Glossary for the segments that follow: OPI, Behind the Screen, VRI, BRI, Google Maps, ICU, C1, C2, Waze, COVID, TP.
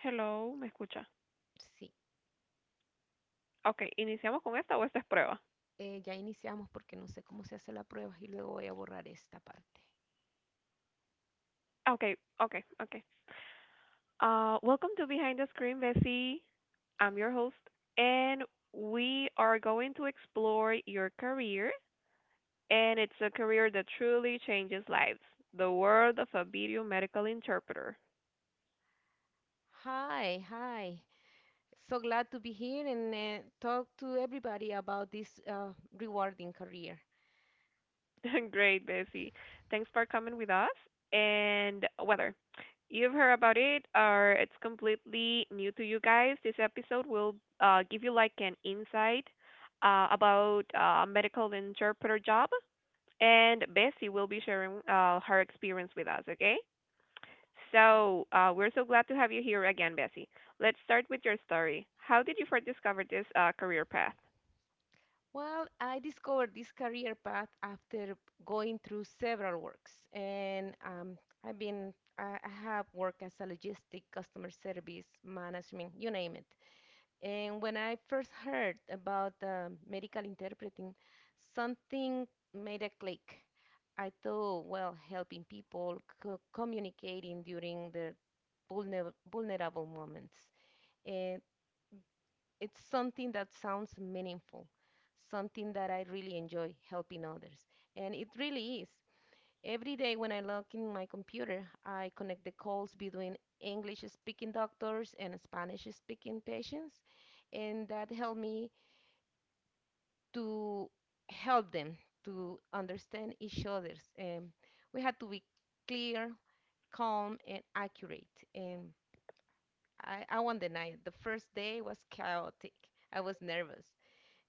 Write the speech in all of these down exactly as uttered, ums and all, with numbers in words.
Hello, ¿me escucha? Sí, Okay, ¿iniciamos con esta o esta es prueba? eh, ya iniciamos porque no sé cómo se hace la prueba y luego voy a borrar esta parte. Ah, Okay, okay, okay. Uh, welcome to Behind the Screen, Bessie. I'm your host, and we are going to explore your career, and it's a career that truly changes lives. The world of a video medical interpreter. Hi, hi. So glad to be here and uh, talk to everybody about this uh, rewarding career. Great, Bessie. Thanks for coming with us. And weather. You've heard about it, or it's completely new to you guys. This episode will uh, give you like an insight uh, about uh, medical interpreter job, and Bessie will be sharing uh, her experience with us. Okay. So uh, we're so glad to have you here again, Bessie. Let's start with your story. How did you first discover this uh, career path? Well, I discovered this career path after going through several works, and um, I've been I I have worked as a logistic, customer service, management, you name it. And when I first heard about um medical interpreting, something made a click. I thought, well, helping people co- communicating during their vulner- vulnerable moments. And it's something that sounds meaningful, something that I really enjoy helping others. And it really is. Every day when I log in my computer, I connect the calls between English speaking doctors and Spanish speaking patients, and that helped me to help them to understand each other's. Um, we had to be clear, calm, and accurate. And I, I won't deny it. The first day was chaotic. I was nervous,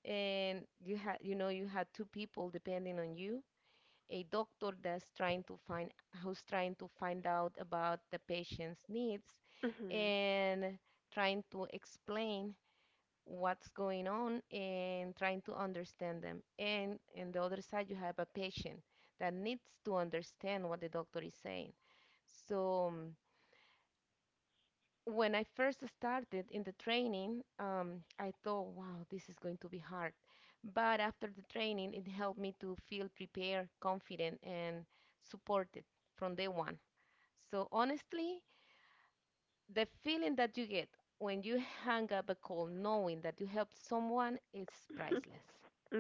and you had, you know, you had two people depending on you. A doctor that's trying to find, who's trying to find out about the patient's needs, and trying to explain what's going on and trying to understand them. And on the other side, you have a patient that needs to understand what the doctor is saying. So um, when I first started in the training, um, I thought, wow, this is going to be hard. But after the training, it helped me to feel prepared, confident, and supported from day one. So honestly, the feeling that you get when you hang up a call knowing that you helped someone is priceless. Hmm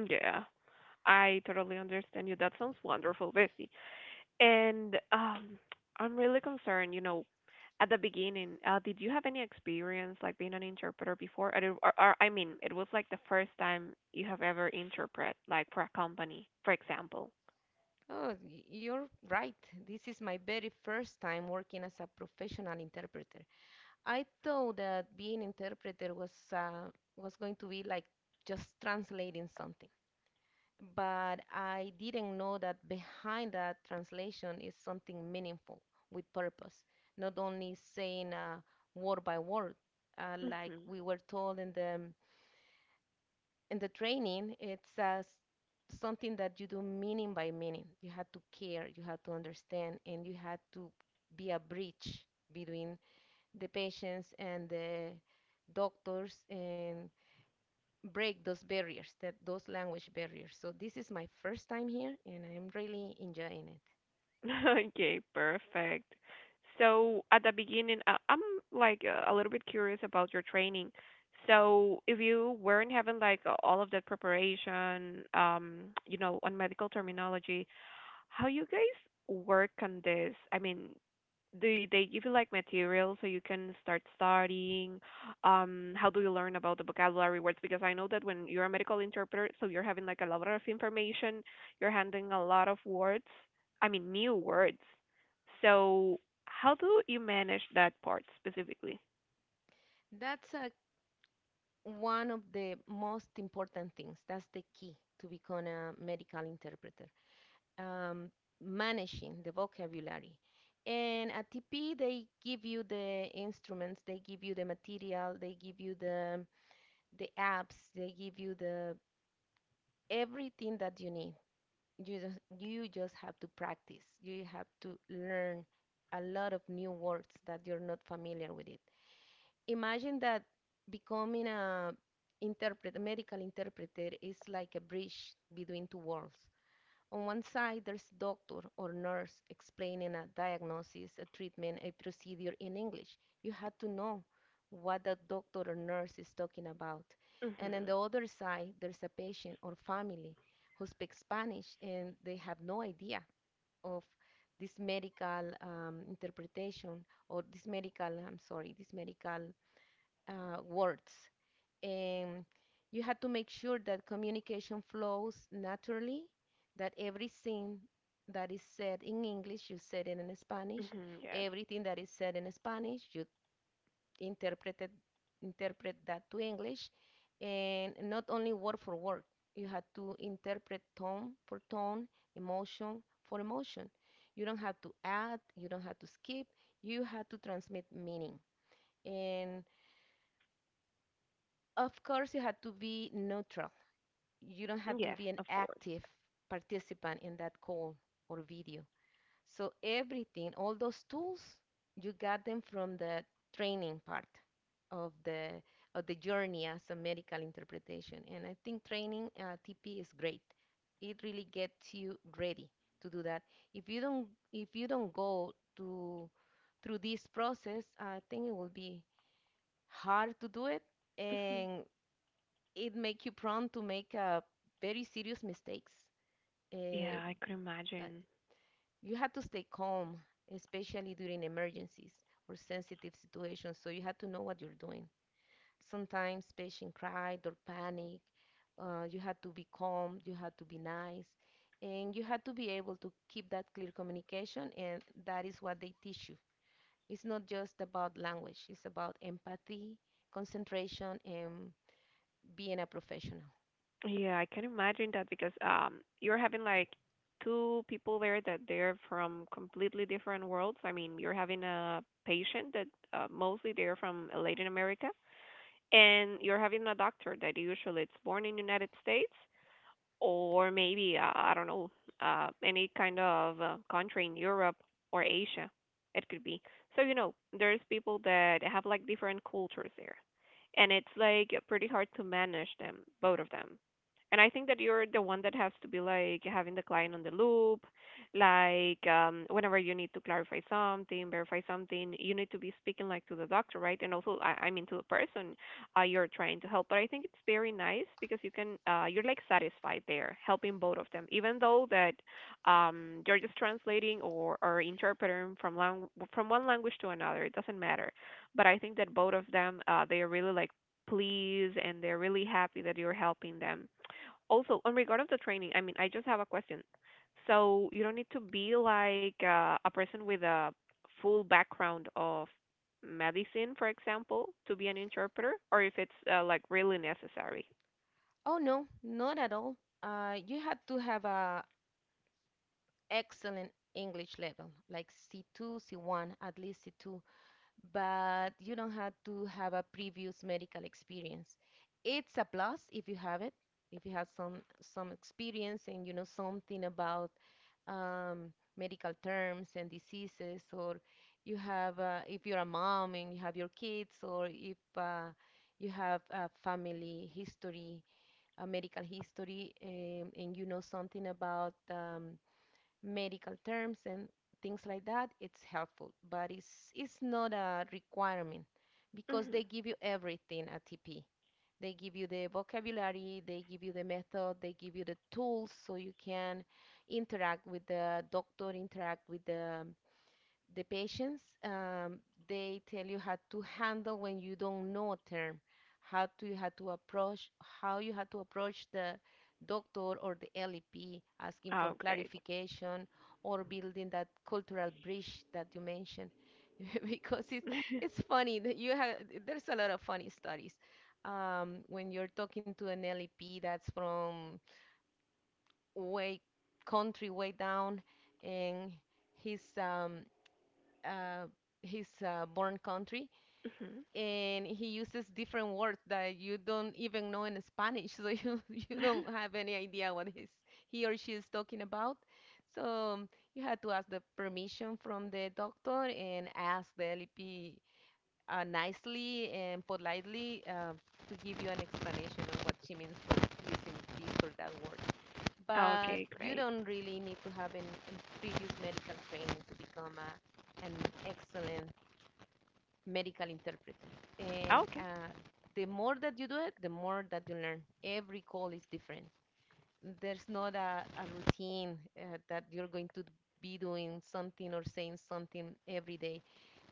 Yeah. I totally understand you. That sounds wonderful, Bessie. And um, I'm really concerned, you know, at the beginning, uh, did you have any experience like being an interpreter before? Or, or, or I mean, it was like the first time you have ever interpret, like for a company, for example. Oh, y- you're right. This is my very first time working as a professional interpreter. I thought that being interpreter was uh, was going to be like just translating something, but I didn't know that behind that translation is something meaningful with purpose, not only saying uh, word by word, uh, like Hmm we were told in the in the training, it's uh, s- something that you do meaning by meaning. You had to care, you had to understand, and you had to be a bridge between the patients and the doctors and break those barriers, that those language barriers. So this is my first time here, and I'm really enjoying it. Okay, perfect. So at the beginning, uh, I'm like uh, a little bit curious about your training. So if you weren't having like uh, all of that preparation, um, you know, on medical terminology, how you guys work on this? I mean, do you- they give you like material so you can start studying? Um, how do you learn about the vocabulary words? Because I know that when you're a medical interpreter, so you're having like a lot of information, you're handling a lot of words. I mean, new words. So how do you manage that part specifically? That's uh, one of the most important things. That's the key to become a medical interpreter. um, Managing the vocabulary. And at T P, they give you the instruments, they give you the material, they give you the the apps, they give you the everything that you need. You just you just have to practice. You have to learn a lot of new words that you're not familiar with it. Imagine that becoming a interpret, a medical interpreter is like a bridge between two worlds. On one side, there's doctor or nurse explaining a diagnosis, a treatment, a procedure in English. You had to know what the doctor or nurse is talking about. And on Mhm. the other side, there's a patient or family who speaks Spanish and they have no idea of this medical um, interpretation or this medical, I'm sorry, this medical uh, words, and you have to make sure that communication flows naturally, that every thing that is said in English, you said it in Spanish. Mhm. Yes. Everything that is said in Spanish, you interpreted interpret that to English, and not only word for word. You have to interpret tone for tone, emotion for emotion. You don't have to add, you don't have to skip. You have to transmit meaning. And of course, you have to be neutral, you don't have to Yes, be an of course. active participant in that call or video. So everything, all those tools, you got them from the training part of the of the journey as a medical interpretation. And I think training uh, T P is great. It really gets you ready to do that. If you don't if you don't go to through this process, I think it will be hard to do it, Mhm. and it make you prone to make uh, very serious mistakes. Uh, Yeah, I could but imagine. you had to stay calm, especially during emergencies or sensitive situations. So you had to know what you're doing. Sometimes patients cried or panic. Uh, you had to be calm. You had to be nice, and you had to be able to keep that clear communication. And that is what they teach you. It's not just about language. It's about empathy, concentration, and being a professional. Yeah, I can imagine that because um you're having like two people there that they're from completely different worlds. I mean, you're having a patient that uh, mostly they're from Latin America, and you're having a doctor that usually it's born in United States or maybe uh, I don't know uh, any kind of uh, country in Europe or Asia. It could be. So you know, there's people that have like different cultures there, and it's like pretty hard to manage them, both of them. And I think that you're the one that has to be like having the client on the loop, like um, whenever you need to clarify something, verify something, you need to be speaking like to the doctor, right? And also, I, I mean, to the person uh, you're trying to help. But I think it's very nice because you can uh, you're like satisfied there helping both of them, even though that um, you're just translating or, or interpreting from lang- from one language to another. It doesn't matter. But I think that both of them uh, they are really like pleased and they're really happy that you're helping them. Also, in regard of the training, I mean, I just have a question. So you don't need to be like uh, a person with a full background of medicine, for example, to be an interpreter, or if it's uh, like really necessary. Oh no, not at all. Uh, you had to have a excellent English level, like C two, C one, at least C two, but you don't have to have a previous medical experience. It's a plus if you have it, if you have some some experience and you know something about um, medical terms and diseases, or you have uh, if you're a mom and you have your kids, or if uh, you have a family history uh, medical history, um, and you know something about um, medical terms and things like that, it's helpful. But it's it's not a requirement because Hmm they give you everything at T P. They give you the vocabulary, they give you the method, they give you the tools so you can interact with the doctor, interact with the the patients, um, they tell you how to handle when you don't know a term, how to you had to approach how you had to approach the doctor or the lep asking for Oh, great. clarification, or building that cultural bridge that you mentioned because it's it's funny that you have, there's a lot of funny stories um, when you're talking to an lep that's from way country way down, and he's um uh, his uh, born country, Mhm. and he uses different words that you don't even know in Spanish, so you you don't have any idea what he's, he or she is talking about. So um, you had to ask the permission from the doctor and ask the L P uh, nicely and politely uh, to give you an explanation of what she means for using this or that word. But Okay, you great. don't really need to have any previous medical training to become a, an excellent medical interpreter. And Okay. uh, the more that you do it, the more that you learn. Every call is different. There's not a, a routine uh, that you're going to be doing something or saying something every day.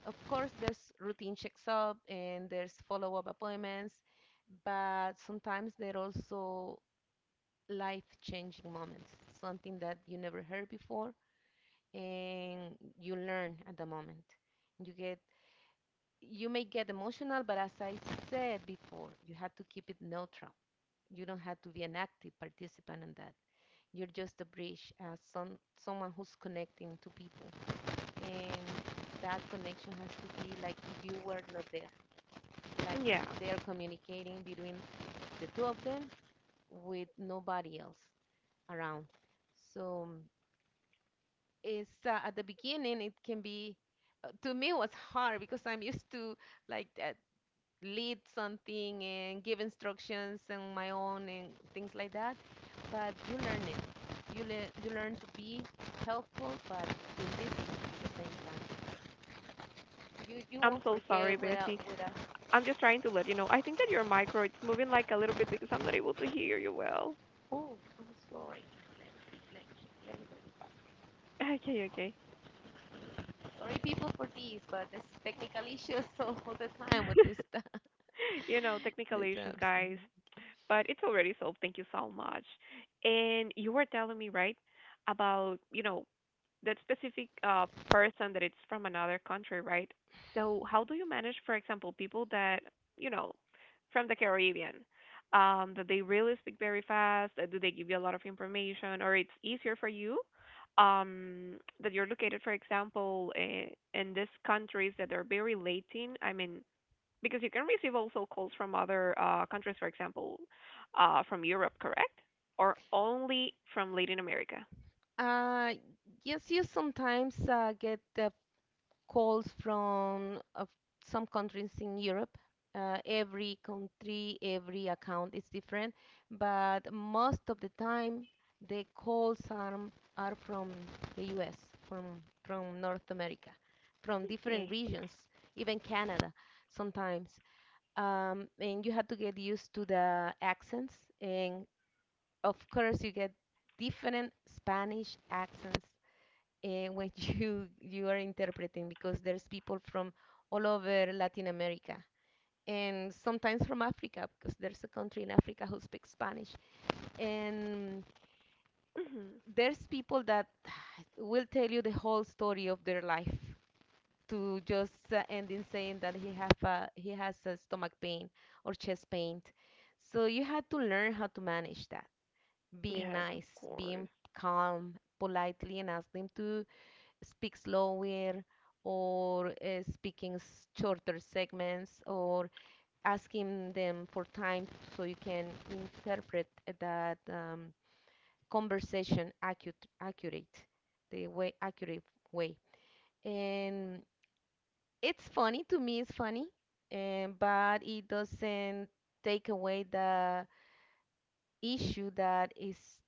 Of course, there's routine checks up and there's follow up appointments, but sometimes there are also life changing moments, something that you never heard before, and you learn at the moment. You get you may get emotional, but as I said before, you have to keep it neutral. You don't have to be an active participant in that. You're just a bridge, as some someone who's connecting to people, and that connection has to be like if you were not there, like Yeah. if they're communicating between the two of them with nobody else around. So it's uh, at the beginning it can be uh, to me it was hard because I'm used to like uh, lead something and give instructions on my own and things like that. But you learn it. You learn you learn to be helpful, but be busy at the same time. You you I'm won't so sorry, forget without Bessie. without. I'm just trying to let you know. I think that your micro it's moving like a little bit because I'm not able to hear you well. Oh, I'm sorry. Let, me, let me go. Okay, okay. Sorry, people, for these, but this is technical issues all the time with this stuff. You know, technical This issues, apps. guys, Okay. but it's already solved. Thank you so much. And you were telling me, right, about, you know, that specific uh, person that it's from another country, right? So how do you manage, for example, people that you know from the Caribbean um, that they really speak very fast? Uh, Do they give you a lot of information, or it's easier for you um, that you're located, for example, in, in these countries that are very Latin? I mean, because you can receive also calls from other uh, countries, for example, uh, from Europe, correct? Or only from Latin America? Uh, yes, you sometimes uh, get uh, calls from uh, some countries in Europe. Uh, every country, every account is different, but most of the time the calls are, are from the U S, from, from North America, from different Okay. regions, even Canada sometimes. Um, and you have to get used to the accents, and of course, you get different Spanish accents uh, when you you are interpreting because there's people from all over Latin America and sometimes from Africa because there's a country in Africa who speaks Spanish, and hmm there's people that will tell you the whole story of their life to just uh, end in saying that he have a, he has a stomach pain or chest pain, so you had to learn how to manage that, being Yes, of nice, being course. calm, politely, and ask them to speak slower or uh, speaking s- shorter segments or asking them for time so you can interpret that um, conversation accurate, accurate the way accurate way, and it's funny to me it's funny, and but it doesn't take away the issue that is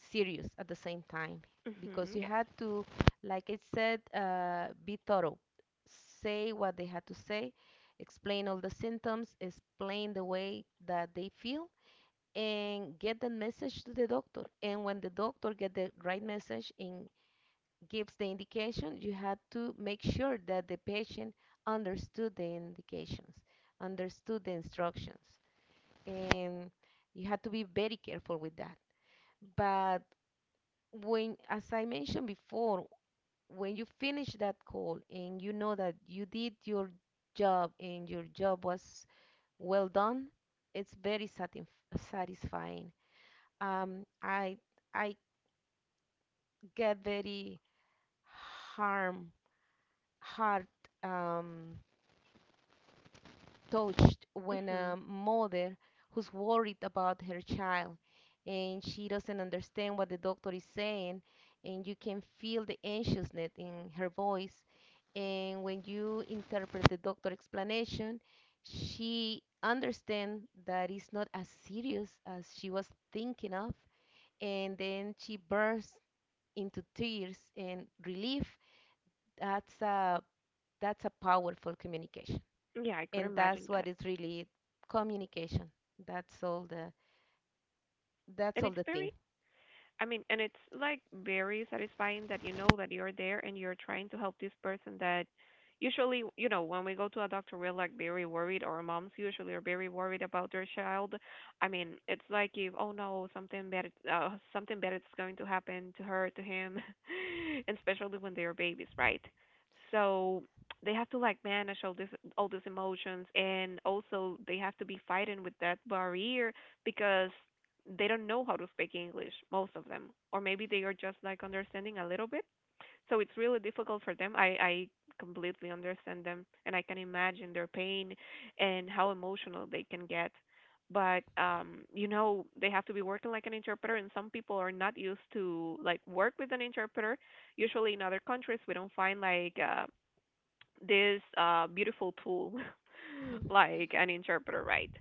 serious at the same time because Mhm. you had to, like I said, uh, be thorough, say what they had to say, explain all the symptoms, explain the way that they feel, and get the message to the doctor. And when the doctor get the right message and gives the indication, you had to make sure that the patient understood the indications, understood the instructions, and you had to be very careful with that. But when, as I mentioned before, when you finish that call and you know that you did your job and your job was well done, it's very satin satisfying. Um, I I get very harm hard um, touched Yeah. when Mhm. a mother who's worried about her child and she doesn't understand what the doctor is saying, and you can feel the anxiousness in her voice. And when you interpret the doctor's explanation, she understands that it's not as serious as she was thinking of, and then she bursts into tears and relief. that's a that's a powerful communication, Yeah, I could and imagine that's what that. is really communication. That's all the that's And all it's the thing. very I mean, and it's like very satisfying that you know that you're there and you're trying to help this person that usually, you know, when we go to a doctor, we're like very worried, or moms usually are very worried about their child. I mean, it's like if, oh no, something bad, uh, something bad is going to happen to her, to him, and especially when they are babies, right? So they have to like manage all this, all these emotions, and also they have to be fighting with that barrier because they don't know how to speak English, most of them, or maybe they are just like understanding a little bit. So it's really difficult for them. I, I completely understand them and I can imagine their pain and how emotional they can get. But um, you know, they have to be working like an interpreter and some people are not used to like work with an interpreter. Usually in other countries we don't find like uh, this uh, beautiful pool, like an interpreter, right?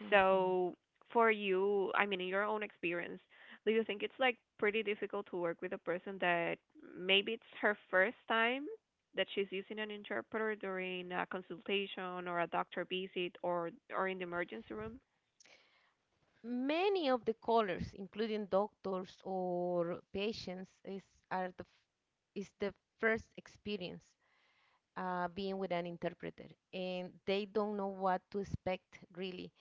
Mhm. So for you, I mean, in your own experience, do you think it's like pretty difficult to work with a person that maybe it's her first time that she's using an interpreter during a consultation or a doctor visit or or in the emergency room? Many of the callers, including doctors or patients, is are the f- is the first experience uh, being with an interpreter, and they don't know what to expect really.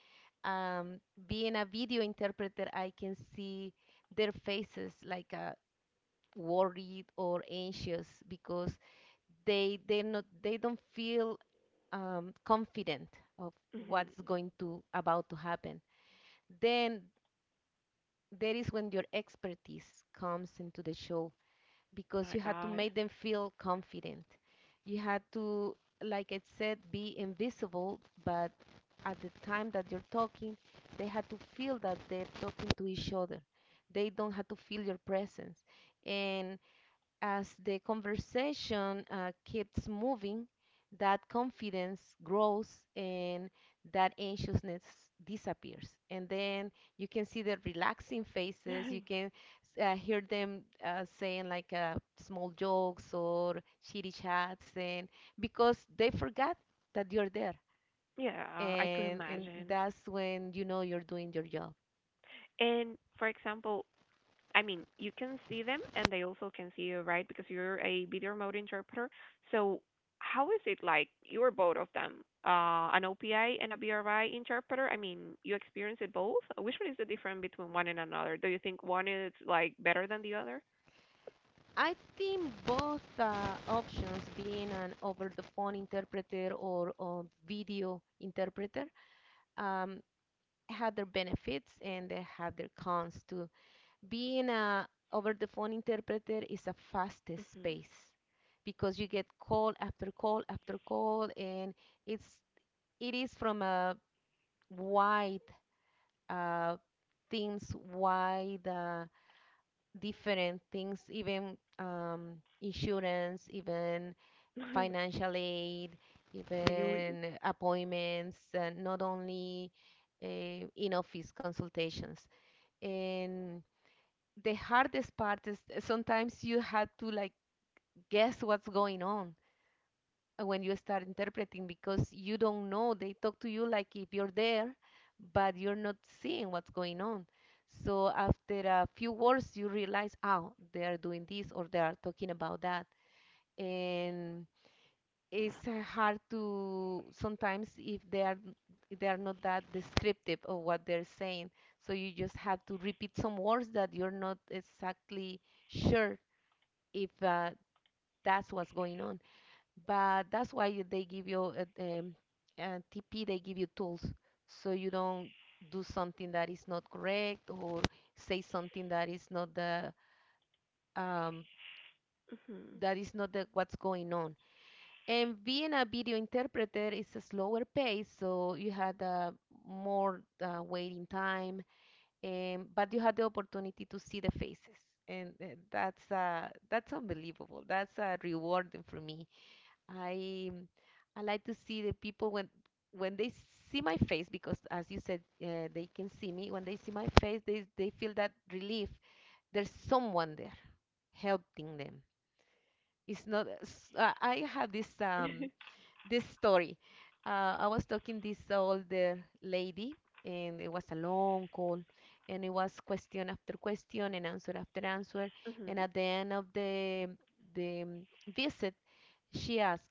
Um, Being a video interpreter, I can see their faces like uh, worried or anxious because they they not they don't feel um, confident of Hmm what's going to about to happen. Then that is when your expertise comes into the show, because My you had to God. make them feel confident. You had to, like I said, be invisible, but at the time that you're talking, they had to feel that they're talking to each other. They don't have to feel your presence. And as the conversation uh, keeps moving, that confidence grows and that anxiousness disappears. And then you can see the relaxing faces. You can uh, hear them uh, saying like uh, small jokes or shitty chats, and because they forgot that you're there, Yeah, I could and and imagine. that's when you know you're doing your job. And for example, I mean, you can see them and they also can see you, right? Because you're a video remote interpreter. So, how is it like you're both of them, uh, an O P I and a B R I interpreter? I mean, you experience it both. Which one is the difference between one and another? Do you think one is like better than the other? I think both uh, options, being an over the phone interpreter or a video interpreter, um, had their benefits and they had their cons too. Being a over the phone interpreter is a fastest Mhm. pace because you get call after call after call, and it's it is from a wide uh, things wide uh, different things, even um, insurance, even financial aid, Really? even appointments, and not only uh, in office consultations. And the hardest part is sometimes you had to like guess what's going on uh, when you start interpreting because you don't know. They talk to you like if you're there, but you're not seeing what's going on. So after a few words, you realize, oh, they are doing this or they are talking about that. And it's uh, hard to sometimes if they are if they are not that descriptive of what they're saying. So you just have to repeat some words that you're not exactly sure if uh, that's what's going on. But that's why you- they give you uh, um, uh, T P. They give you tools so you don't do something that is not correct or say something that is not the um, Mhm. that is not the, what's going on. And being a video interpreter is a slower pace, so you had uh, more uh, waiting time, and but you had the opportunity to see the faces, and uh, that's uh, that's unbelievable. That's uh, rewarding for me. I mm, I like to see the people when when they see my face, because as you said, uh, they can see me. When they see my face, they they feel that relief, there's someone there helping them. It's not s- uh, I have this um this story. Uh, I was talking this older lady, and it was a long call, and it was question after question and answer after answer. And Mhm. at the end of the the um, visit, she asked,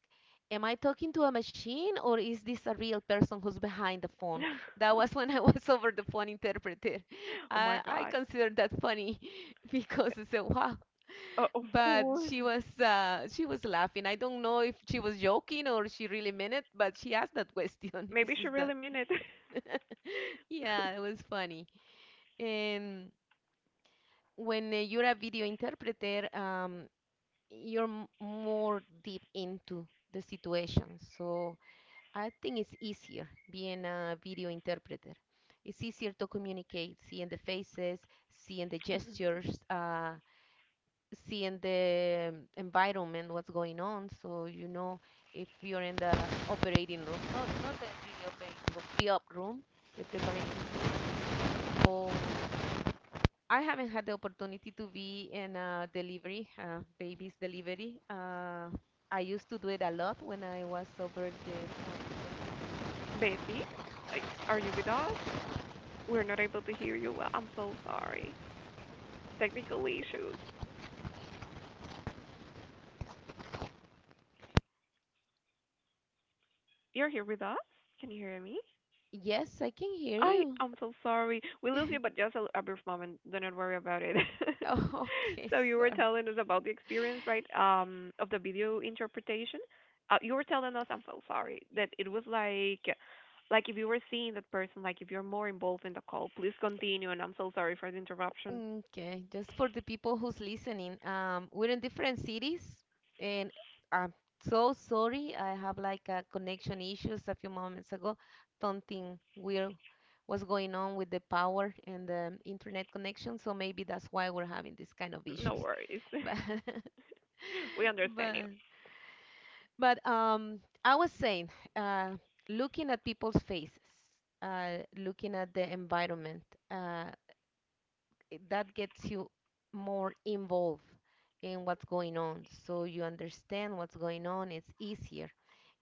"Am I talking to a machine, or is this a real person who's behind the phone?" That was when I was over the phone interpreter. Oh my I, I God. considered that funny because I said, "Wow, Uh, of but course. she was uh, she was laughing. I don't know if she was joking or she really meant it, but she asked that question. Is Maybe she this that? really meant it. Yeah, it was funny. And when uh, you're a video interpreter, um, you're m- more deep into the situation. So I think it's easier being a video interpreter. It's easier to communicate, seeing the faces, seeing the Mhm. gestures. Uh, Seeing the environment, what's going on, so you know if you're in the operating room. Not, not the really operating room, pre-op room, the preparation room. So I haven't had the opportunity to be in uh, delivery, uh, babies delivery. uh, I used to do it a lot when I was over the... Bessie, a- are you with us? We're not able to hear you well. I'm so sorry. Technical issues. You're here with us? Can you hear me? Yes, I can hear I you. I'm so sorry. We lose you, but just a, a brief moment. Do not worry about it. Oh, okay, So you were sorry. telling us about the experience, right? Um, of the video interpretation. Uh, you were telling us. I'm so sorry that it was like, like if you were seeing that person, like if you're more involved in the call, please continue. And I'm so sorry for the interruption. Mm, Okay, just for the people who's listening, um, we're in different cities, and I'm so sorry. I have like a connection issues a few moments ago. Something weird was going on with the power and the internet connection, so maybe that's why we're having this kind of No issues. worries. But We understand but you. but um, I was saying, uh, looking at people's faces, uh, looking at the environment, uh, it- that gets you more involved in what's going on, so you understand what's going on. It's easier,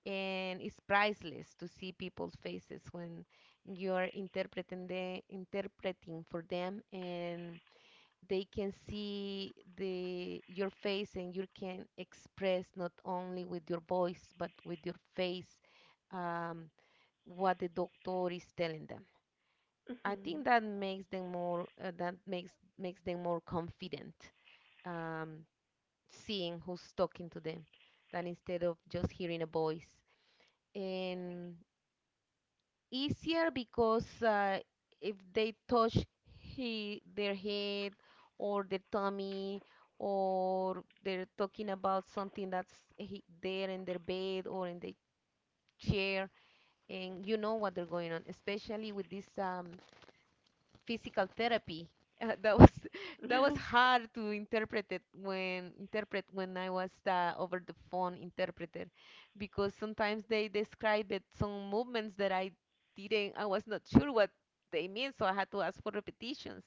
and it's priceless to see people's faces when you're interpreting the interpreting for them, and they can see the your face, and you can express not only with your voice but with your face um, what the doctor is telling them. I think that makes them more uh, that makes makes them more confident, um, seeing who's talking to them, than instead of just hearing a voice. And easier because uh, if they touch he, their head or their tummy, or they're talking about something that's he, there in their bed or in the chair, and you know what they're going on, especially with this um, physical therapy. Uh, that was that was Hmm hard to interpret it when interpret when I was the over the phone interpreter, because sometimes they described it some movements that I didn't I was not sure what they mean, so I had to ask for repetitions.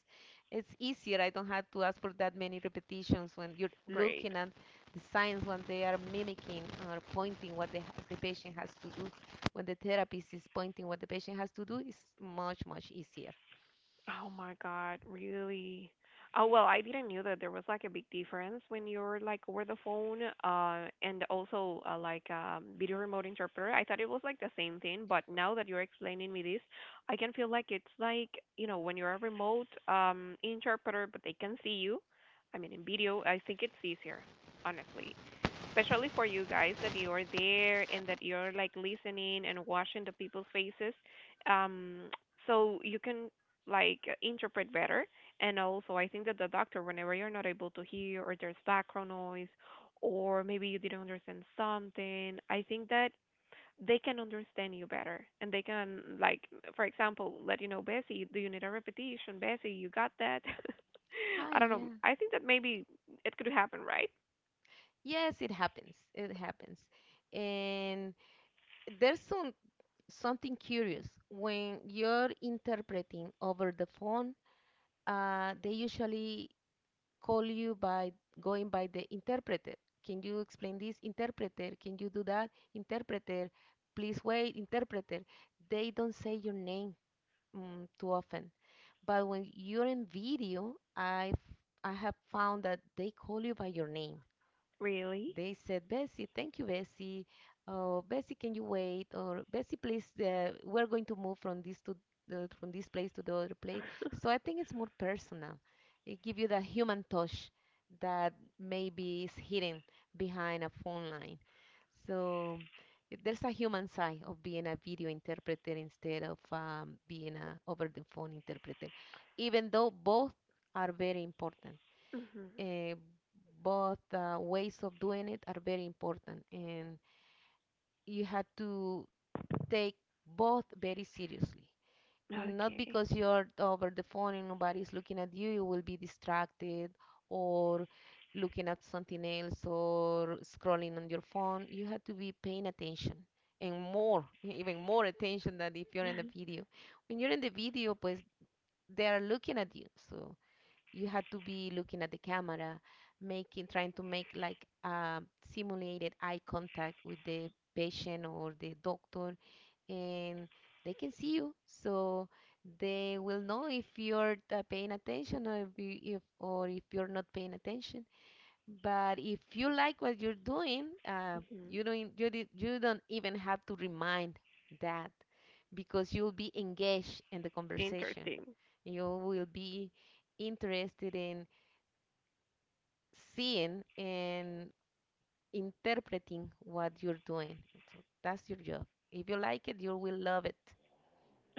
It's easier. I don't have to ask for that many repetitions when you're looking Great. at the signs when they are mimicking or pointing what the, the patient has to do. When the therapist is pointing what the patient has to do, it's much much easier. Oh my God, really? Oh well, I didn't knew that there was like a big difference when you're like over the phone, uh, and also uh, like um, video remote interpreter. I thought it was like the same thing, but now that you're explaining me this, I can feel like it's like you know when you're a remote um interpreter, but they can see you. I mean, in video, I think it's easier, honestly. Especially for you guys that you are there and that you're like listening and watching the people's faces. Um, so you can like uh, interpret better. And also, I think that the doctor, whenever you're not able to hear or there's background noise, or maybe you didn't understand something, I think that they can understand you better and they can like for example let you know bessie do you need a repetition bessie you got that? Ah, I don't know, yeah. I think that maybe it could happen, right? Yes, it happens. It happens. And there's some something curious when you're interpreting over the phone. Uh, they usually call you by going by the interpreter. Can you explain this? Interpreter, can you do that? Interpreter, please wait. Interpreter. They don't say your name mm, too often. But when you're in video, I I have found that they call you by your name. Really. They said, Bessie, thank you, Bessie. Oh, Bessie, can you wait? Or Bessie, please, uh, we're going to move from this to the, from this place to the other place. So I think it's more personal. It gives you that human touch that maybe is hidden behind a phone line. So it- there's a human side of being a video interpreter instead of um, being a over the phone interpreter, even though both are very important. Hmm uh, both uh, Ways of doing it are very important, and you have to take both very seriously. Not okay. because you're over the phone and nobody's looking at you, you will be distracted or looking at something else or scrolling on your phone. You have to be paying attention, and more e-, even more attention than if you're in the video. When you're in the video, pues, they are looking at you, so you had to be looking at the camera, making, trying to make like um simulated eye contact with the patient or the doctor, and they can see you, so they will know if you're uh, paying attention or if, you, if or if you're not paying attention. But if you like what you're doing, uh, hmm you don't e, you, di- you don't even have to remind that, because you'll be engaged in the conversation. interesting. You will be interested in seeing and interpreting what you're doing. So that's your job. If you like it, you will love it.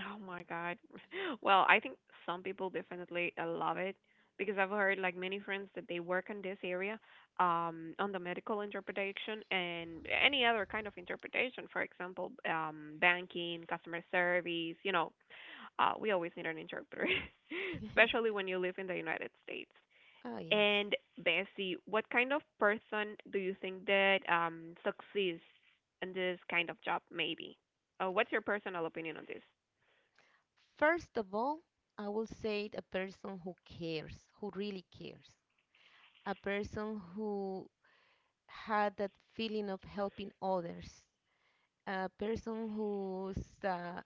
Oh my God. Well, I think some people definitely uh, love it because I've heard like many friends that they work in this area, um, on the medical interpretation and any other kind of interpretation. For example, um, banking, customer service. You know, uh, we always need an interpreter, especially when you live in the United States. Oh, yes. And Bessie, what kind of person do you think that um succeeds in this kind of job? Maybe. Uh, what's your personal opinion on this? First of all, I will say a person who cares, who really cares, a person who had that feeling of helping others, a person who's uh,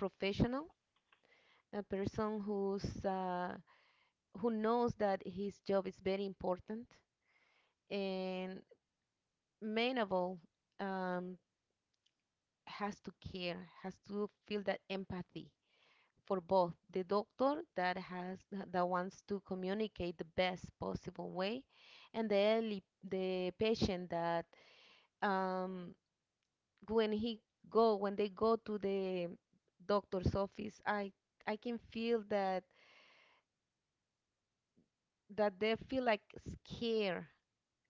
professional, a person who's uh, who knows that his job is very important, and main of all, um, has to care, has to feel that empathy for both the doctor that has that wants to communicate the best possible way, and the early, the patient that um, when he go when they go to the doctor's office, I I can feel that that they feel like scared.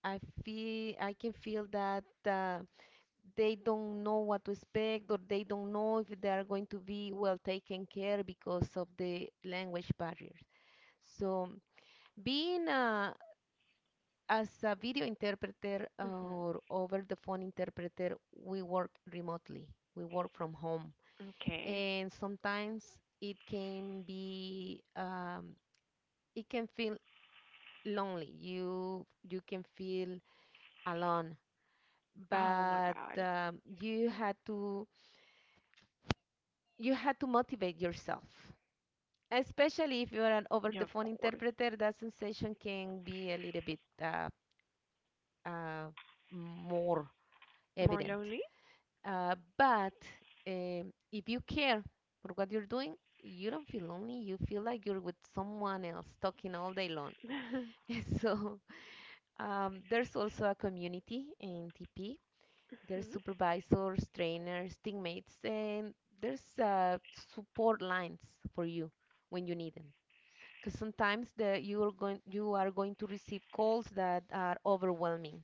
I feel I can feel that uh, they don't know what to expect or they don't know if they are going to be well taken care because of the language barriers. So being a, as a video interpreter Mhm. or over the phone interpreter, we work remotely. We work from home, Okay. and sometimes it can be um, it can feel lonely. You you can feel alone, Oh my but God. um, you had to you had to motivate yourself. Especially if you're an over Yeah, the of phone course. interpreter, that sensation can be a little bit uh, uh, more More evident. lonely? Uh, but um, if you care for what you're doing, you don't feel lonely. You feel like you're with someone else talking all day long. So um, there's also a community in T P. There's supervisors, trainers, teammates, and there's uh, support lines for you when you need them. Because sometimes the you are going you are going to receive calls that are overwhelming,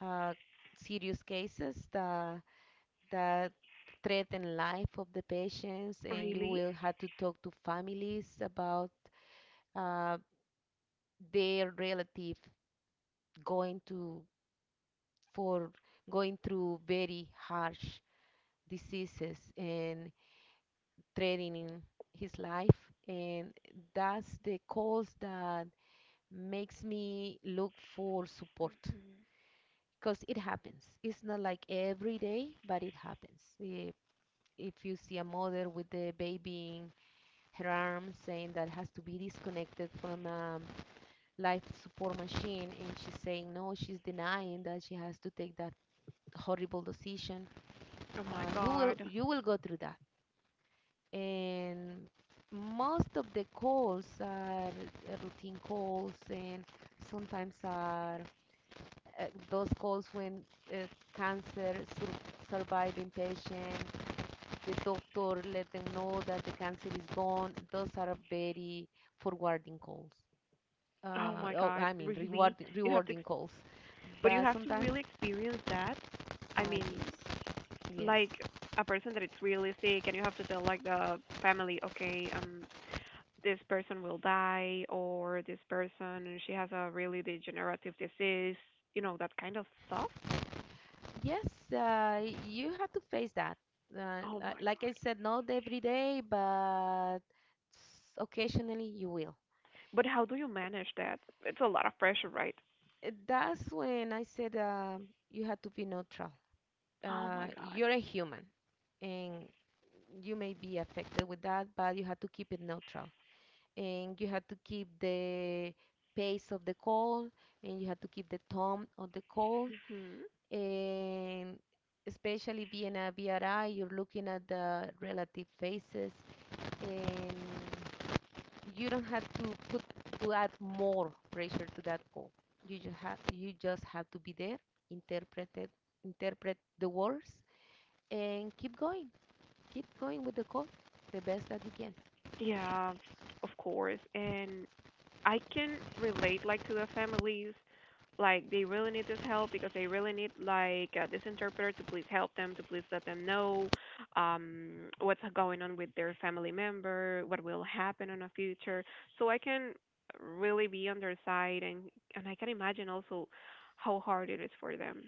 uh, serious cases that that threaten life of the patients, and you Really? will have to talk to families about uh, their relative going to for going through very harsh diseases and threatening his life, and that's the calls that makes me look for support because it happens. It's not like every day, but it happens. If, if you see a mother with the baby in her arms saying that has to be disconnected from a life support machine, and she's saying no, she's denying that she has to take that horrible decision, Oh my uh, you will God. you will go through that. And most of the calls are uh, routine calls, and sometimes are uh, those calls when uh, cancer sur- surviving patient, the doctor let them know that the cancer is gone. Those are very forwarding calls. Oh Uh, my oh, God. I mean Really? rewarding You have to, ex- rewarding calls. But you But have to sometimes, really experience that. uh, I mean, yes, yes, like a person that it's really sick, and you have to tell like the family, okay, um, this person will die, or this person she has a really degenerative disease. You know that kind of stuff. yes. Uh, you have to face that. Uh, Oh li- my Like God. I said, not every day, but s- occasionally you will. But how do you manage that? It's a lot of pressure, right? Uh, That's when I said um you have to be neutral. Oh uh, my God. You're a human and you may be affected with that, but you have to keep it neutral, and you have to keep the pace of the call, and you have to keep the tone of the call, Hmm and especially being a B R I, you're looking at the relative faces, and you don't have to put to add more pressure to that call. You just have you just have to be there, interpret it, interpret the words and keep going, keep going with the code the best that you can. Yeah, of course. And I can relate like to the families like they really need this help because they really need like uh, this interpreter to please help them to please let them know um what's going on with their family member, what will happen in the future, so I can really be on their side. And and i can imagine also how hard it is for them.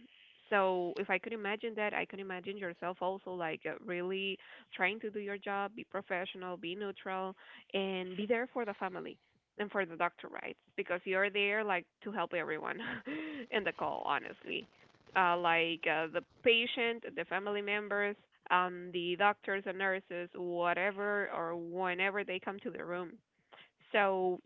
So if I could imagine that, I can imagine yourself also like uh, really trying to do your job, be professional, be neutral, and be there for the family and for the doctor rights, because you're there like to help everyone in the call, honestly. Uh, like uh, the patient, the family members, um, the doctors and nurses, whatever or whenever they come to the room. So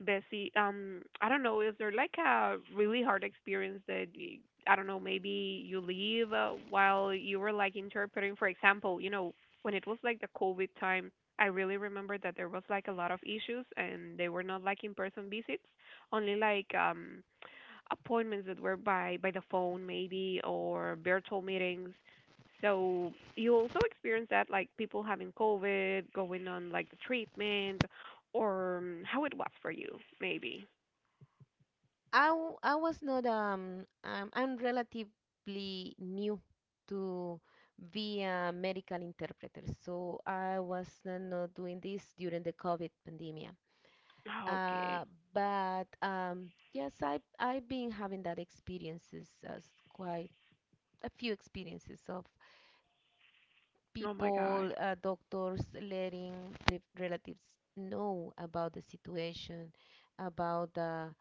Bessie, um, I don't know, is there like a really hard experience that y- I don't know, maybe you leave uh, while you were like interpreting? For example, you know, when it was like the COVID time, I really remember that there was like a lot of issues and they were not like in-person visits, only like um appointments that were by by the phone maybe, or virtual meetings. So you also experience that, like people having COVID, going on like the treatment, or um, how it was for you maybe. I, w- I was not um, um I'm relatively new to be a medical interpreter, so I was uh, not doing this during the COVID pandemic. Uh, Okay. but um, yes, I I've been having that experiences as quite a few experiences of Oh my people, God. uh, doctors letting the relatives know about the situation, about the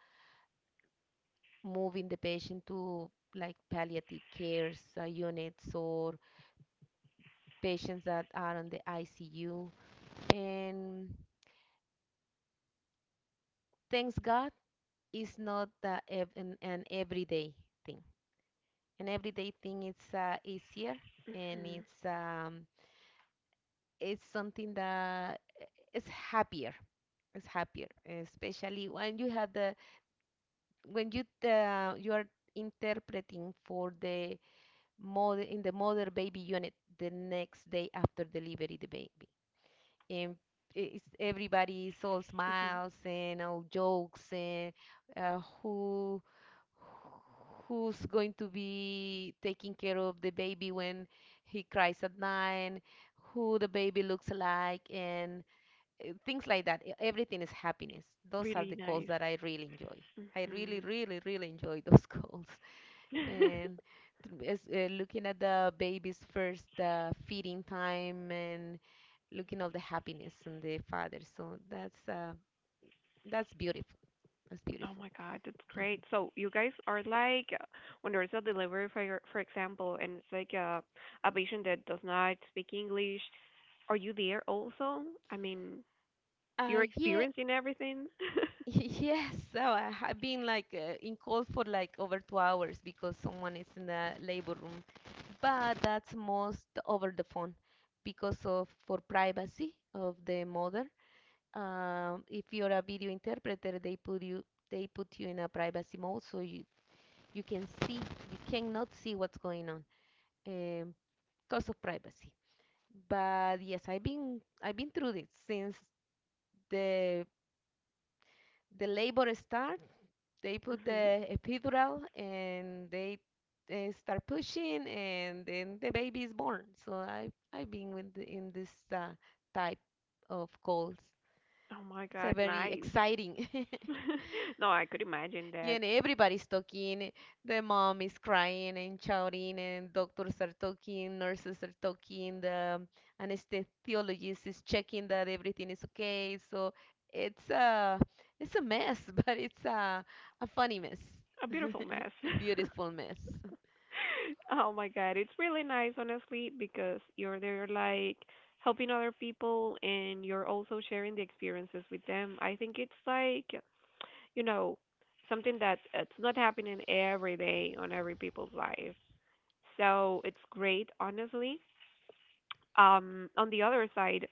moving the patient to like palliative cares uh, units or patients that are on the I C U. And thanks God, it's not uh, ev- an, an everyday thing. An everyday thing it's uh, easier, and it's um, it's something that is happier. It's happier, especially when you have the when you uh, you are interpreting for the mother in the mother baby unit the next day after delivery the baby, and it's, everybody is all Mm-hmm. smiles and all jokes, and uh, who who's going to be taking care of the baby when he cries at night, who the baby looks like, and uh, things like that. E- everything is happiness. Those are Really the calls nice. that I really enjoy. I really, Hmm. really, really enjoy those calls, and th- is, uh, looking at the baby's first uh, feeding time and looking all the happiness on the father. So that's uh, that's beautiful. That's Oh beautiful. my God, that's great. So you guys are like uh, when there's a delivery for your, for example, and it's like a a patient that does not speak English. Are you there also? I mean, Uh, your Yeah, experience in everything? yes. So I have been like uh, in call for like over two hours because someone is in the labor room, but that's most over the phone because of for privacy of the mother. Um, if you're a video interpreter, they put you they put you in a privacy mode so you you can see you cannot see what's going on, um, because of privacy. But yes, I've been I've been through this since the the labor start. They put Mhm. the epidural and they, they start pushing, and then the baby is born. So I I've been with the, in this uh, type of calls. Oh my It's a God, very nice. exciting. No, I could imagine Yeah, that. and everybody's talking. The mom is crying and shouting, and doctors are talking, nurses are talking, the anesthesiologist is checking that everything is okay. So it's a it's a mess, but it's a a funny mess, A beautiful mess. a beautiful mess. Oh my God, it's really nice, honestly, because you're there like helping other people and you're also sharing the experiences with them. I think it's like, you know, something that it's not happening every day on every people's life. So it's great, honestly. Um, on the other side,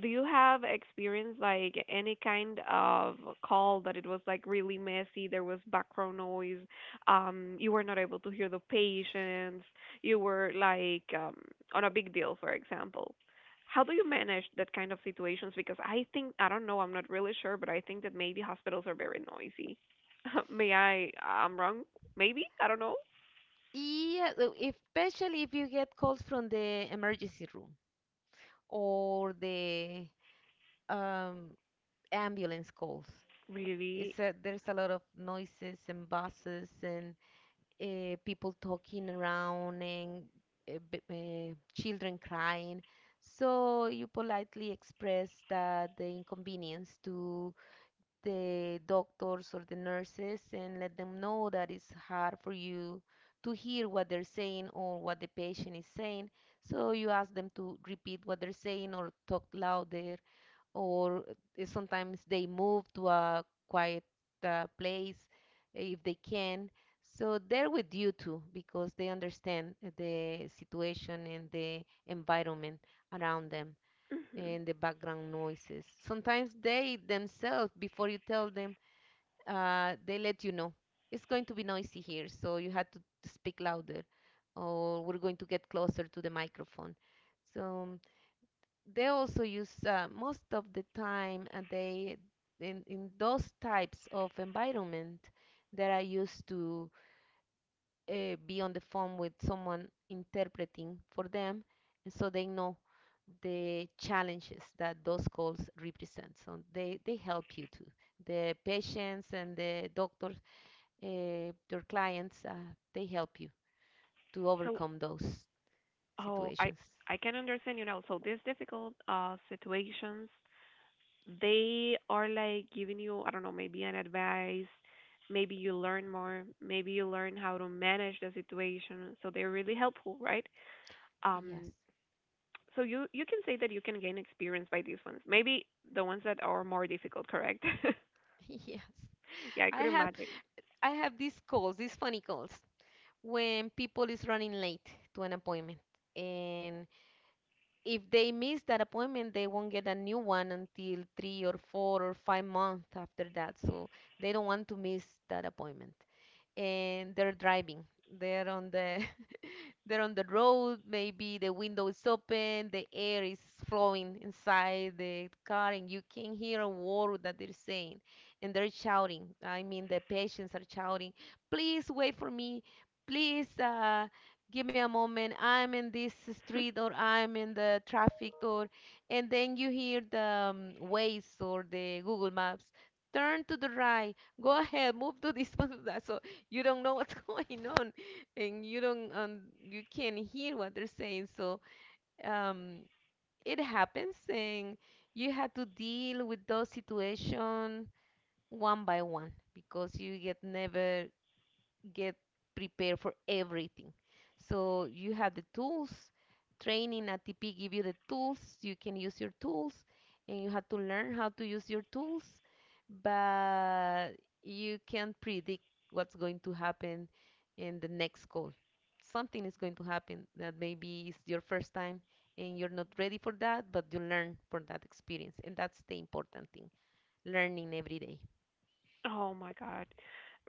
do you have experience like any kind of call that it was like really messy, there was background noise, um, you were not able to hear the patients, you were like um, on a big deal, for example? How do you manage that kind of situations? Because I think, I don't know, I'm not really sure, but I think that maybe hospitals are very noisy. May I, I'm wrong? Maybe? I don't know. Yeah, so if- especially if you get calls from the emergency room or the um, ambulance calls. Really? It's a, there's a lot of noises and buses and uh, people talking around, and uh, b- uh, children crying. So you politely express that the inconvenience to the doctors or the nurses, and let them know that it's hard for you to hear what they're saying or what the patient is saying. So you ask them to repeat what they're saying or talk louder, or uh, sometimes they move to a quiet uh, place if they can. So they're with you too, because they understand eh, the situation and the environment around them Hmm. and the background noises. Sometimes they themselves, before you tell them, uh, they let you know it's going to be noisy here, so you have to speak louder, or we're going to get closer to the microphone. So they also use uh, most of the time uh, they in, in those types of environment that I used to uh, be on the phone with someone interpreting for them, and so they know the challenges that those calls represent. So they, they help you too. The patients and the doctors, uh, your clients, uh, they help you to So overcome those oh, I situations. I can understand you now. So these difficult uh situations, they are like giving you, I don't know, maybe an advice, maybe you learn more, maybe you learn how to manage the situation. So they're really helpful, right? Yes. Um, so you you can say that you can gain experience by these ones. Maybe the ones that are more difficult, correct? Yes. Yeah, I could I have imagine. I have these calls, these funny calls, when people is running late to an appointment. And if they miss that appointment, they won't get a new one until three or four or five months after that. So they don't want to miss that appointment. And they're driving. They're on the they're on the road, maybe the window is open, the air is flowing inside the car, and you can hear a word that they're saying. And they're shouting. I mean, the patients are shouting, please wait for me. Please uh, give me a moment. I'm in this street, or I'm in the traffic, or. And then you hear the um, Waze or the Google Maps. Turn to the right. Go ahead, move to this one. So you don't know what's going on, and you don't um, you can't hear what they're saying, so um, it happens, and you have to deal with those situations one by one, because you get never get prepared for everything. So you have the tools. Training at T P give you the tools. You can use your tools, and you have to learn how to use your tools. But you can not predict what's going to happen in the next call. Something is going to happen that maybe is your first time, and you're not ready for that, but you learn from that experience. And that's the important thing, learning every day. Oh my God.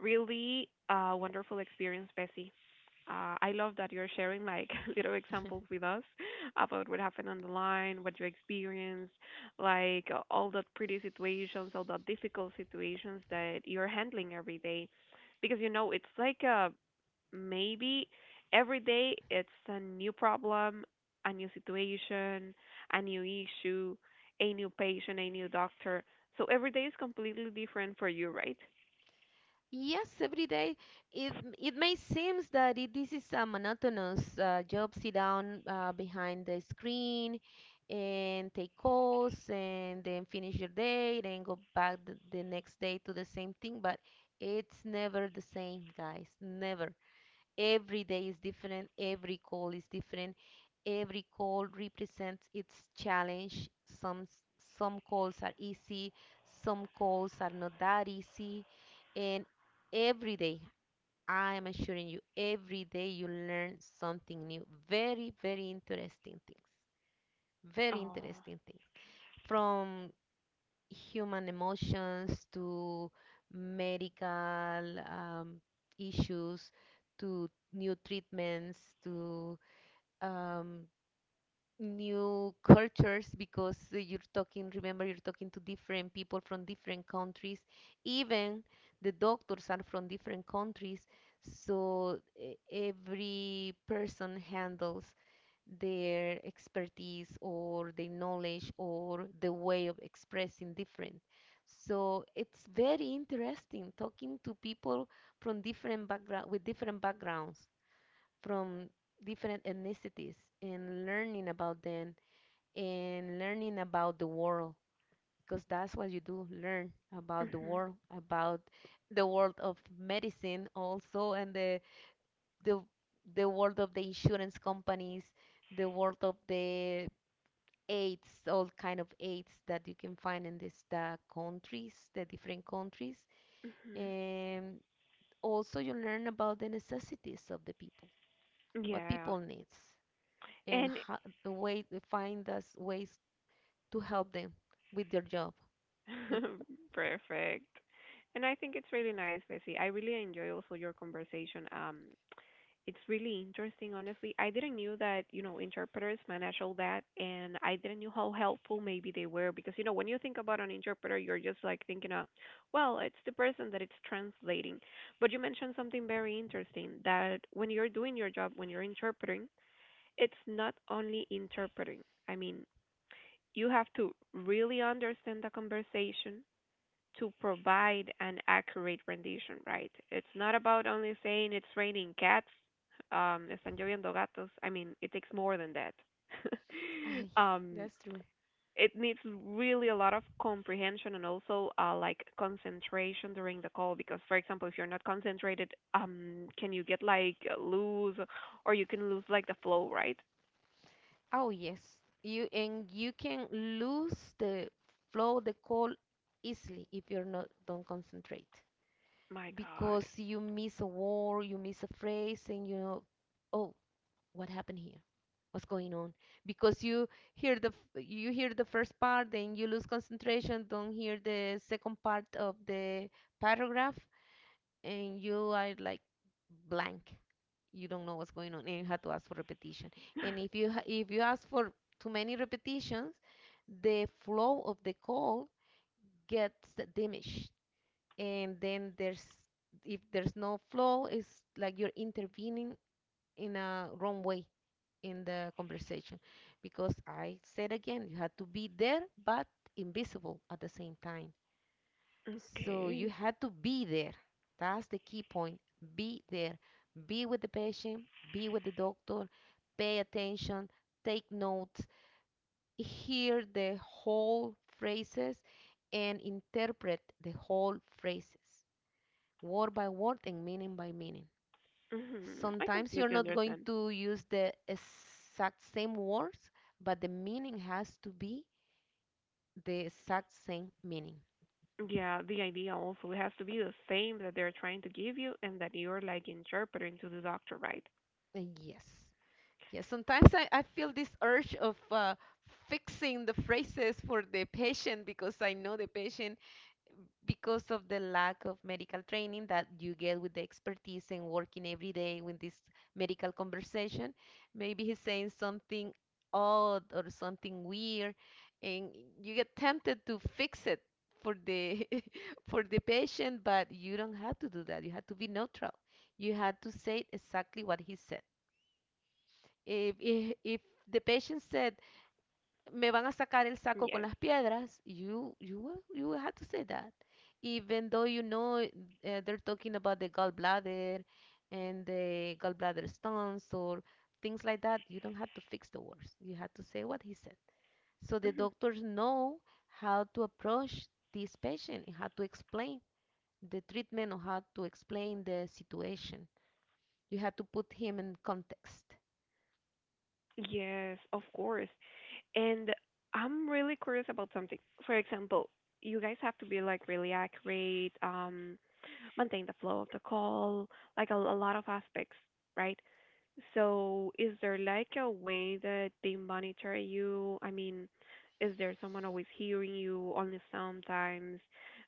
Really uh wonderful experience, Bessie. Uh, I love that you're sharing like little examples with us about what happened on the line, what you experienced, like uh, all the pretty situations, all the difficult situations that you're handling every day. Because you know, it's like uh maybe every day it's a new problem, a new situation, a new issue, a new patient, a new doctor. So every day is completely different for you, right? Yes, every day it it may seem that it, this is a monotonous uh, job. Sit down uh, behind the screen and take calls, and then finish your day, then go back the, the next day to the same thing. But it's never the same, guys. Never. Every day is different, every call is different, every call represents its challenge. Some some calls are easy, some calls are not that easy, and every day, I am assuring you, every day you learn something new. Very, very interesting things. Very Oh. interesting things. From human emotions to medical um, issues, to new treatments, to um, new cultures, because uh, you're talking, remember, you're talking to different people from different countries, even the doctors are from different countries, so e- every person handles their expertise or their knowledge or the way of expressing different. So it's very interesting talking to people from different background, with different backgrounds, from different ethnicities, and learning about them and learning about the world, because that's what you do learn, about the Mhm. world, about the world of medicine also, and the the the world of the insurance companies, the world of the aids, all kind of aids that you can find in this the countries, the different countries. Mhm. And also you learn about the necessities of the people, what Yeah. people needs, and And how, the way to find us ways to help them with their job. With perfect. And I think it's really nice, Bessie. I really enjoy also your conversation. Um, it's really interesting, honestly. I didn't knew that, you know, interpreters manage all that, and I didn't knew how helpful maybe they were because, you know, when you think about an interpreter, you're just like thinking of, well, it's the person that it's translating. But you mentioned something very interesting that when you're doing your job, when you're interpreting, it's not only interpreting. I mean, you have to really understand the conversation to provide an accurate rendition, right? It's not about only saying it's raining cats, um, están lloviendo gatos. I mean, it takes more than that. ay, Um, that's true. it needs really a lot of comprehension and also uh, like concentration during the call because, for example, if you're not concentrated, um, can you get like loose or you can lose like the flow, right? Oh yes, you and you can lose the flow, the call easily if you're not don't concentrate My God. because you miss a word, you miss a phrase, and you know, oh, what happened here? What's going on? Because you hear the f- you hear the first part, then you lose concentration, don't hear the second part of the paragraph, and you are like blank, you don't know what's going on, and you have to ask for repetition. And if you ha- if you ask for too many repetitions, the flow of the call gets diminished. And then there's if there's no flow, it's like you're intervening in a wrong way in the conversation, because I said again, you had to be there but invisible at the same time. So you Okay. had to be there. That's the key point. Be there. Be with the patient, be with the doctor, pay attention, take notes, hear the whole phrases, and interpret the whole phrases, word by word and meaning by meaning. Hmm. I Sometimes you're completely not going understand. to use the exact same words, but the meaning has to be the exact same meaning. Yeah, the idea also has to be the same that they're trying to give you and that you're like interpreting to the doctor, right? And yes, yes. Sometimes I, I feel this urge of uh, fixing the phrases for the patient, because I know the patient because of the lack of medical training that you get with the expertise and working every day with this medical conversation. Maybe he's saying something odd or something weird, and you get tempted to fix it for the for the patient, but you don't have to do that. You have to be neutral. You have to say exactly what he said. If if, if the patient said "me van a sacar el saco con Yes. las piedras," You, you, will- you will have to say that. Even though you know uh, they're talking about the gallbladder and the gallbladder stones or things like that, you don't have to fix the words. You have to say what he said. So the Mhm. doctors know how to approach this patient and how to explain the treatment or how to explain the situation. You have to put him in context. Yes, of course. And I'm really curious about something. For example, you guys have to be like really accurate, um, maintain the flow of the call, like a, a lot of aspects, right? So, is there like a way that they monitor you? I mean, is there someone always hearing you only sometimes?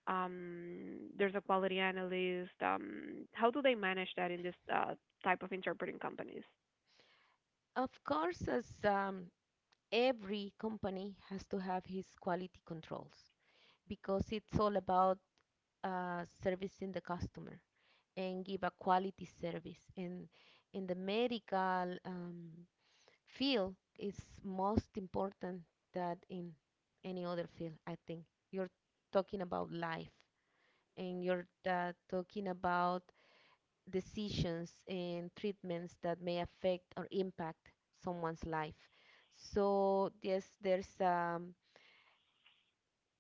Um, there's a quality analyst. Um, how do they manage that in this uh, type of interpreting companies? Of course, as um, every company has to have his quality controls because it's all about uh, servicing the customer and give a quality service. And in the medical um, field, it's most important that in any other field. I think you're talking about life, and you're uh, talking about decisions and treatments that may affect or impact someone's life. So yes, there's um,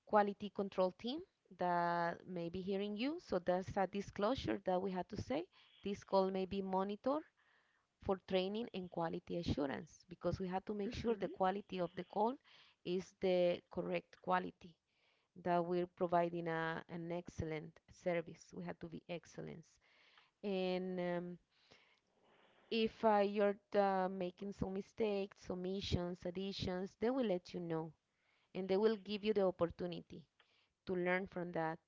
quality control team that may be hearing you. So that's a disclosure that we had to say. This call may be monitored for training and quality assurance, because we had to make sure the Hmm. quality of the call is the correct quality, that we're providing a, an excellent service. We had to be excellence. And um, if uh, you're uh, making some mistakes, omissions, additions, they will let you know, and they will give you the opportunity to learn from that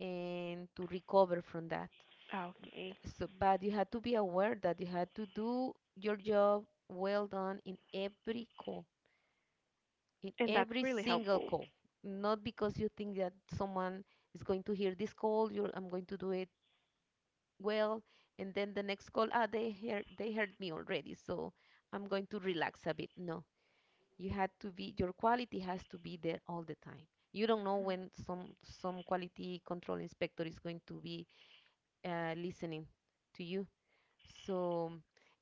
and to recover from that. Okay, So, but you had to be aware that you had to do your job well done in every call, in and that's every really single helpful. call. Not because you think that someone is going to hear this call, you're, I'm going to do it well, and then the next call, ah, they heard they heard me already, so I'm going to relax a bit. No, you had to be, your quality has to be there all the time. You don't know when some some quality control inspector is going to be uh, listening to you. So,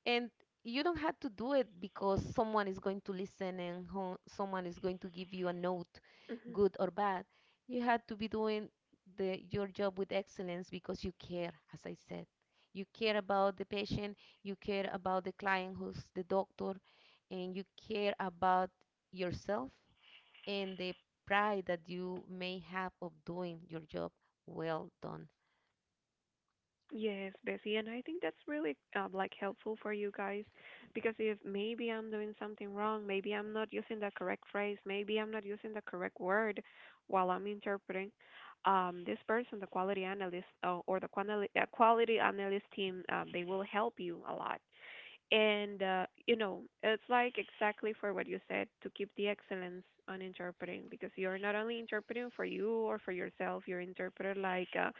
and you don't have to do it because someone is going to listen and ho- someone is going to give you a note, Mhm. good or bad. You have to be doing the your job with excellence, because you care, as I said. You care about the patient, you care about the client who's the doctor, and you care about yourself and the pride that you may have of doing your job well done. Yes, Bessie, and I think that's really uh, like helpful for you guys because if maybe I'm doing something wrong, maybe I'm not using the correct phrase, maybe I'm not using the correct word while I'm interpreting, um, this person, the quality analyst uh, or the quantali- uh, quality analyst team, um, they will help you a lot. And, uh, you know, it's like exactly for what you said, to keep the excellence on interpreting, because you're not only interpreting for you or for yourself, you're interpreter like uh,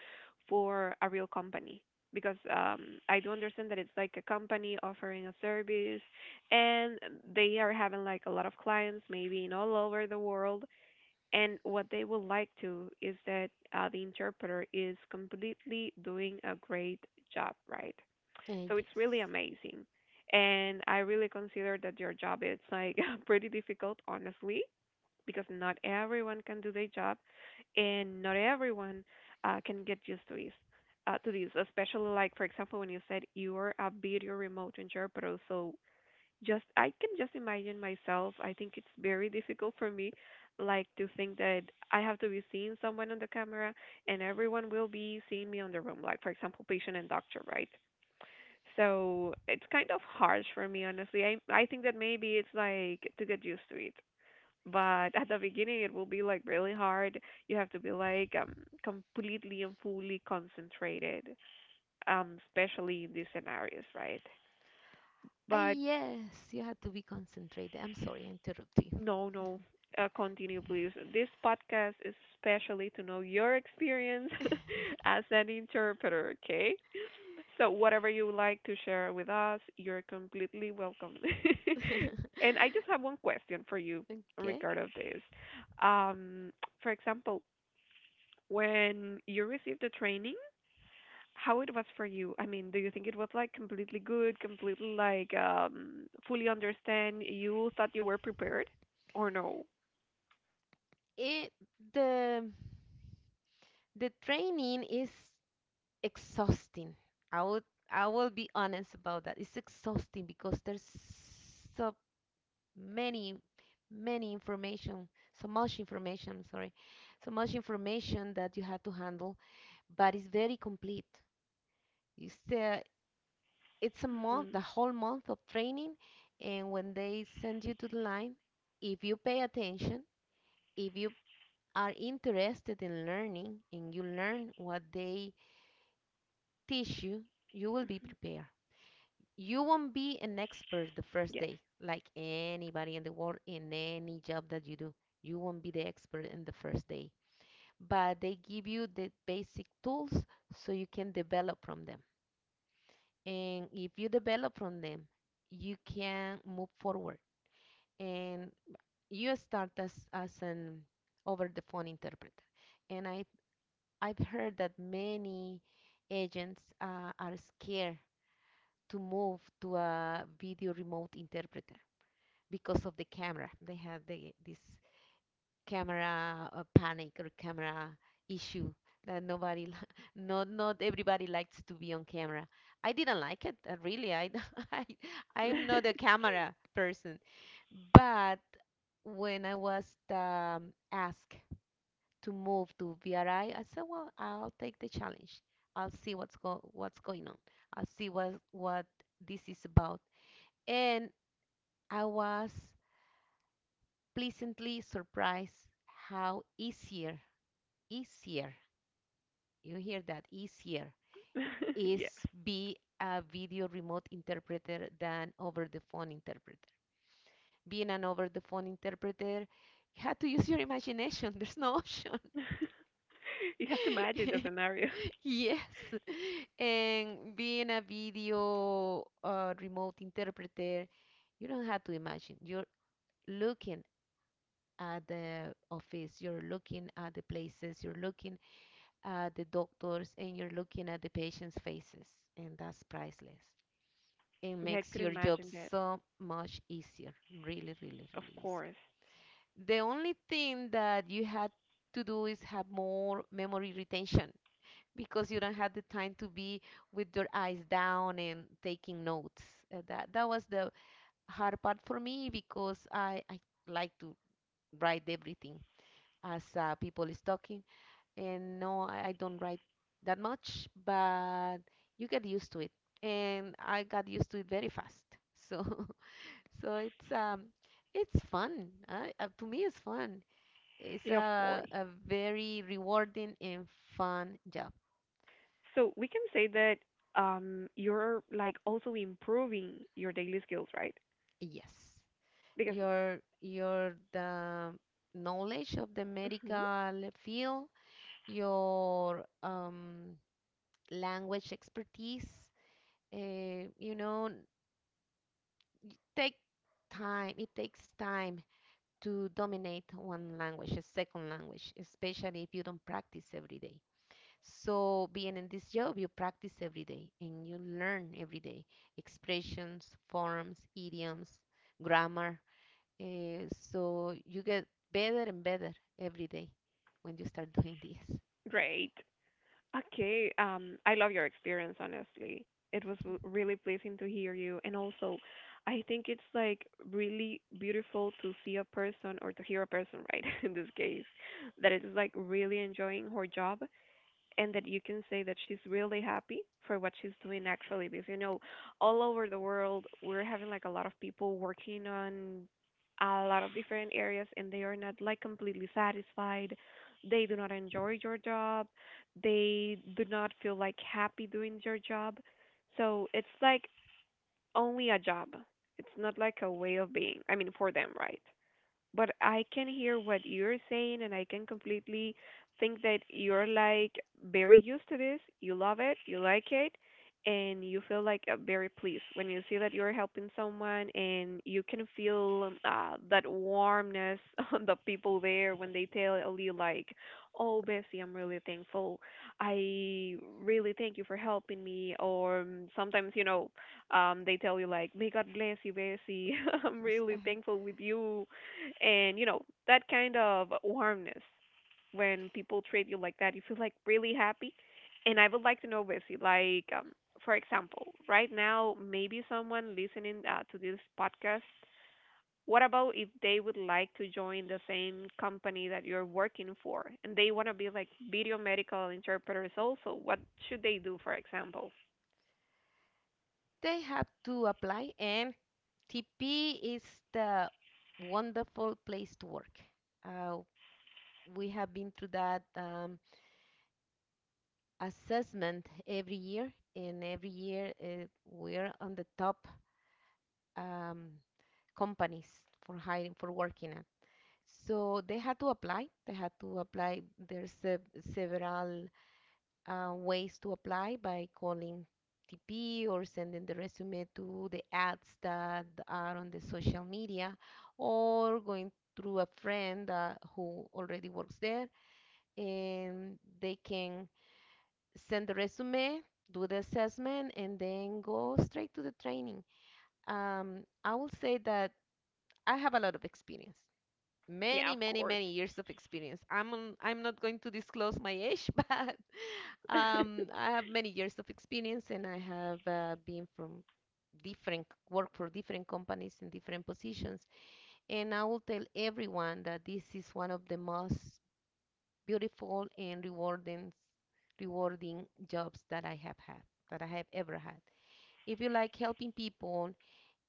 for a real company. Because um, I do understand that it's like a company offering a service and they are having like a lot of clients, maybe in all over the world. And what they would like to is that uh, the interpreter is completely doing a great job, right? Uh, So it's yes. really amazing. And I really consider that your job is like pretty difficult, honestly, because not everyone can do their job and not everyone uh, can get used to this. Uh, to this, especially like for example when you said you are a video remote engineer, but also just I can just imagine myself. I think it's very difficult for me, like to think that I have to be seeing someone on the camera and everyone will be seeing me on the room. Like for example, patient and doctor, right? So it's kind of harsh for me, honestly. I I think that maybe it's like to get used to it. But at the beginning, it will be like really hard. You have to be like um completely and fully concentrated, um especially in these scenarios, right? Ah, But yes, you have to be concentrated. I'm sorry, I interrupt you. no, no, uh, continue please. This podcast is especially to know your experience as an interpreter, okay? So whatever you would like to share with us, you're completely welcome. And I just have one question for you Okay. regarding this. Um, for example, when you received the training, how it was for you? I mean, do you think it was like completely good, completely like um, fully understand? You thought you were prepared, or no? It, the the training is exhausting. I would I will be honest about that. It's exhausting because there's so many many information, so much information, I'm sorry, so much information that you have to handle, but it's very complete. It's uh, it's a month, the Mhm. whole month of training. And when they send you to the line, if you pay attention, if you are interested in learning and you learn what they teach you, you will be prepared. You won't be an expert the first Yes. day, like anybody in the world in any job that you do. You won't be the expert in the first day, but they give you the basic tools so you can develop from them. And if you develop from them, you can move forward and you start as as an over the phone interpreter. And I I've heard that many agents uh, are scared to move to a video remote interpreter because of the camera. They have the this camera uh, panic or camera issue, that nobody li- not not everybody likes to be on camera. I didn't like it, uh, really. I i I'm not a camera person, but when I was um, asked to move to VRI, i I said, well, I'll take the challenge. I'll see what's go what's going on. I'll see what what this is about. And I was pleasantly surprised how easier, easier, you hear that, easier Yes. is be a video remote interpreter than over the phone interpreter. Being an over the phone interpreter, you have to use your imagination. There's no option. You have to imagine the scenario. Yes. And being a video uh, remote interpreter, you don't have to imagine. You're looking at the office, you're looking at the places, you're looking uh, the doctors, and you're looking at the patient's faces, and that's priceless. It Yeah, I makes could your job imagine that. so much easier, really, really, Of really easier. course. The only thing that you had to do is have more memory retention, because you don't have the time to be with your eyes down and taking notes. Uh, that that was the hard part for me, because I, I like to write everything as uh, people is talking, and no, I, I don't write that much, but you get used to it. And I got used to it very fast. So, so it's um, it's fun. Uh, uh, to me, it's fun. It's Yeah, of a course. a very rewarding and fun job. So we can say that um you're like also improving your daily skills, right? Yes, Because your your the knowledge of the Mhm. medical field, your um, language expertise. Uh, you know, it take time it takes time to dominate one language, a second language, especially if you don't practice every day. So being in this job, you practice every day and you learn every day, expressions, forms, idioms, grammar, eh, so you get better and better every day when you start doing this. Great. Okay, um I love your experience honestly. It was r- really pleasing to hear you, and also I think it's like really beautiful to see a person or to hear a person, right, in this case, that it is like really enjoying her job and that you can say that she's really happy for what she's doing actually, because you know all over the world we're having like a lot of people working on a lot of different areas, and they are not like completely satisfied, they do not enjoy your job, they do not feel like happy doing your job, so it's like only a job, it's not like a way of being, I mean for them, right? But I can hear what you're saying and I can completely think that you're like very used to this. You love it, you like it, and you feel like uh, very pleased when you see that you're helping someone, and you can feel uh, that warmness on the people there when they tell you like, "Oh, Bessie, I'm really thankful. I really thank you for helping me." Or um, sometimes, you know, um, they tell you like, "May God bless you, Bessie. I'm really thankful with you, and you know that kind of warmness, when people treat you like that, you feel like really happy." And I would like to know, Bessie, like um, for example right now maybe someone listening uh, to this podcast, what about if they would like to join the same company that you're working for and they want to be like video medical interpreters also, what should they do, for example? They have to apply, and TP is the wonderful place to work. uh, we have been through that um, assessment every year, and every year uh, we're on the top um, companies for hiring, for working at. So they had to apply. They had to apply. There's se- several uh, ways to apply, by calling T P or sending the resume to the ads that are on the social media, or going through a friend uh, who already works there, and they can send the resume, do the assessment, and then go straight to the training. Um, I will say that I have a lot of experience, Yeah, many, of many, course. many years of experience. I'm on, I'm not going to disclose my age, but um, I have many years of experience, and I have uh, been from different work for different companies in different positions. And I will tell everyone that this is one of the most beautiful and rewarding rewarding jobs that I have had, that I have ever had. If you like helping people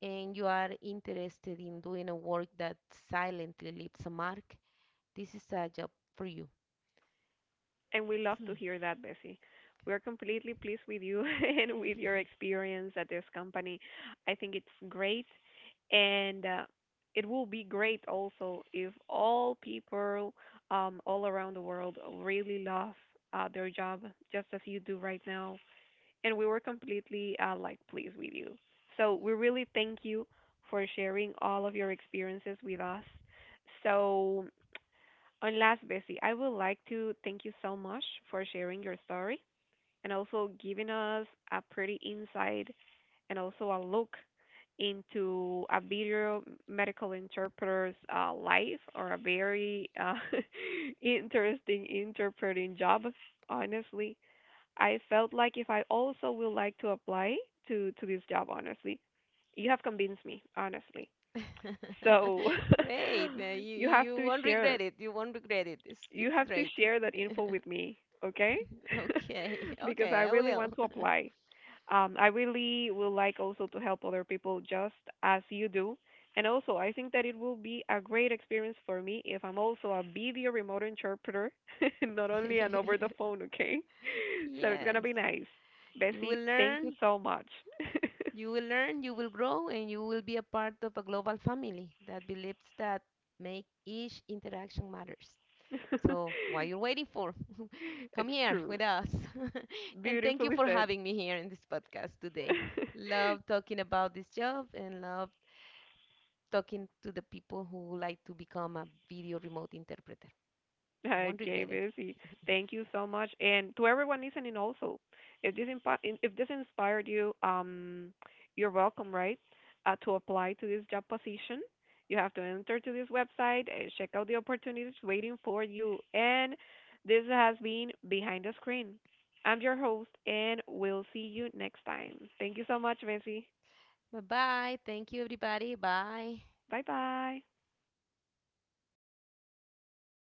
and you are interested in doing a work that silently leaves a mark, this is a job for you. And we love So— to hear that, Bessie. We are completely pleased with you and with your experience at this company. I think it's great. And uh, it will be great also if all people um, all around the world really love uh, their job, just as you do right now. And we were completely uh, like pleased with you. So we really thank you for sharing all of your experiences with us. So and last, Bessie, I would like to thank you so much for sharing your story and also giving us a pretty insight and also a look into a video medical interpreter's uh, life, or a very uh, interesting interpreting job. Honestly, I felt like if I also would like to apply to to this job, honestly, you have convinced me, honestly. So Great. Uh, You you have you to won't share, regret it. You won't regret it. It's you it's have to great. share that info with me, okay? Okay. Because Okay, I I really will. want to apply. Um, I really would like also to help other people just as you do. And also, I think that it will be a great experience for me if I'm also a video remote interpreter, not only an over the phone, okay? So it's going to Yes. be nice. You will Bessie, thank you learn, so much. you will learn, you will grow, and you will be a part of a global family that believes that make each interaction matters. So, what you're waiting for? Come It's here true. with us. And thank you Beautifully for said. having me here in this podcast today. Love talking about this job, and love talking to the people who would like to become a video remote interpreter. Won't Okay, regret it. Busy. Thank you so much. And to everyone listening also, if this impa- in- if this inspired you, um, you're welcome, right? Uh, to apply to this job position, you have to enter to this website and check out the opportunities waiting for you. And this has been Behind the Screen. I'm your host, and we'll see you next time. Thank you so much, Busy. Bye bye. Thank you, everybody. Bye. Bye bye.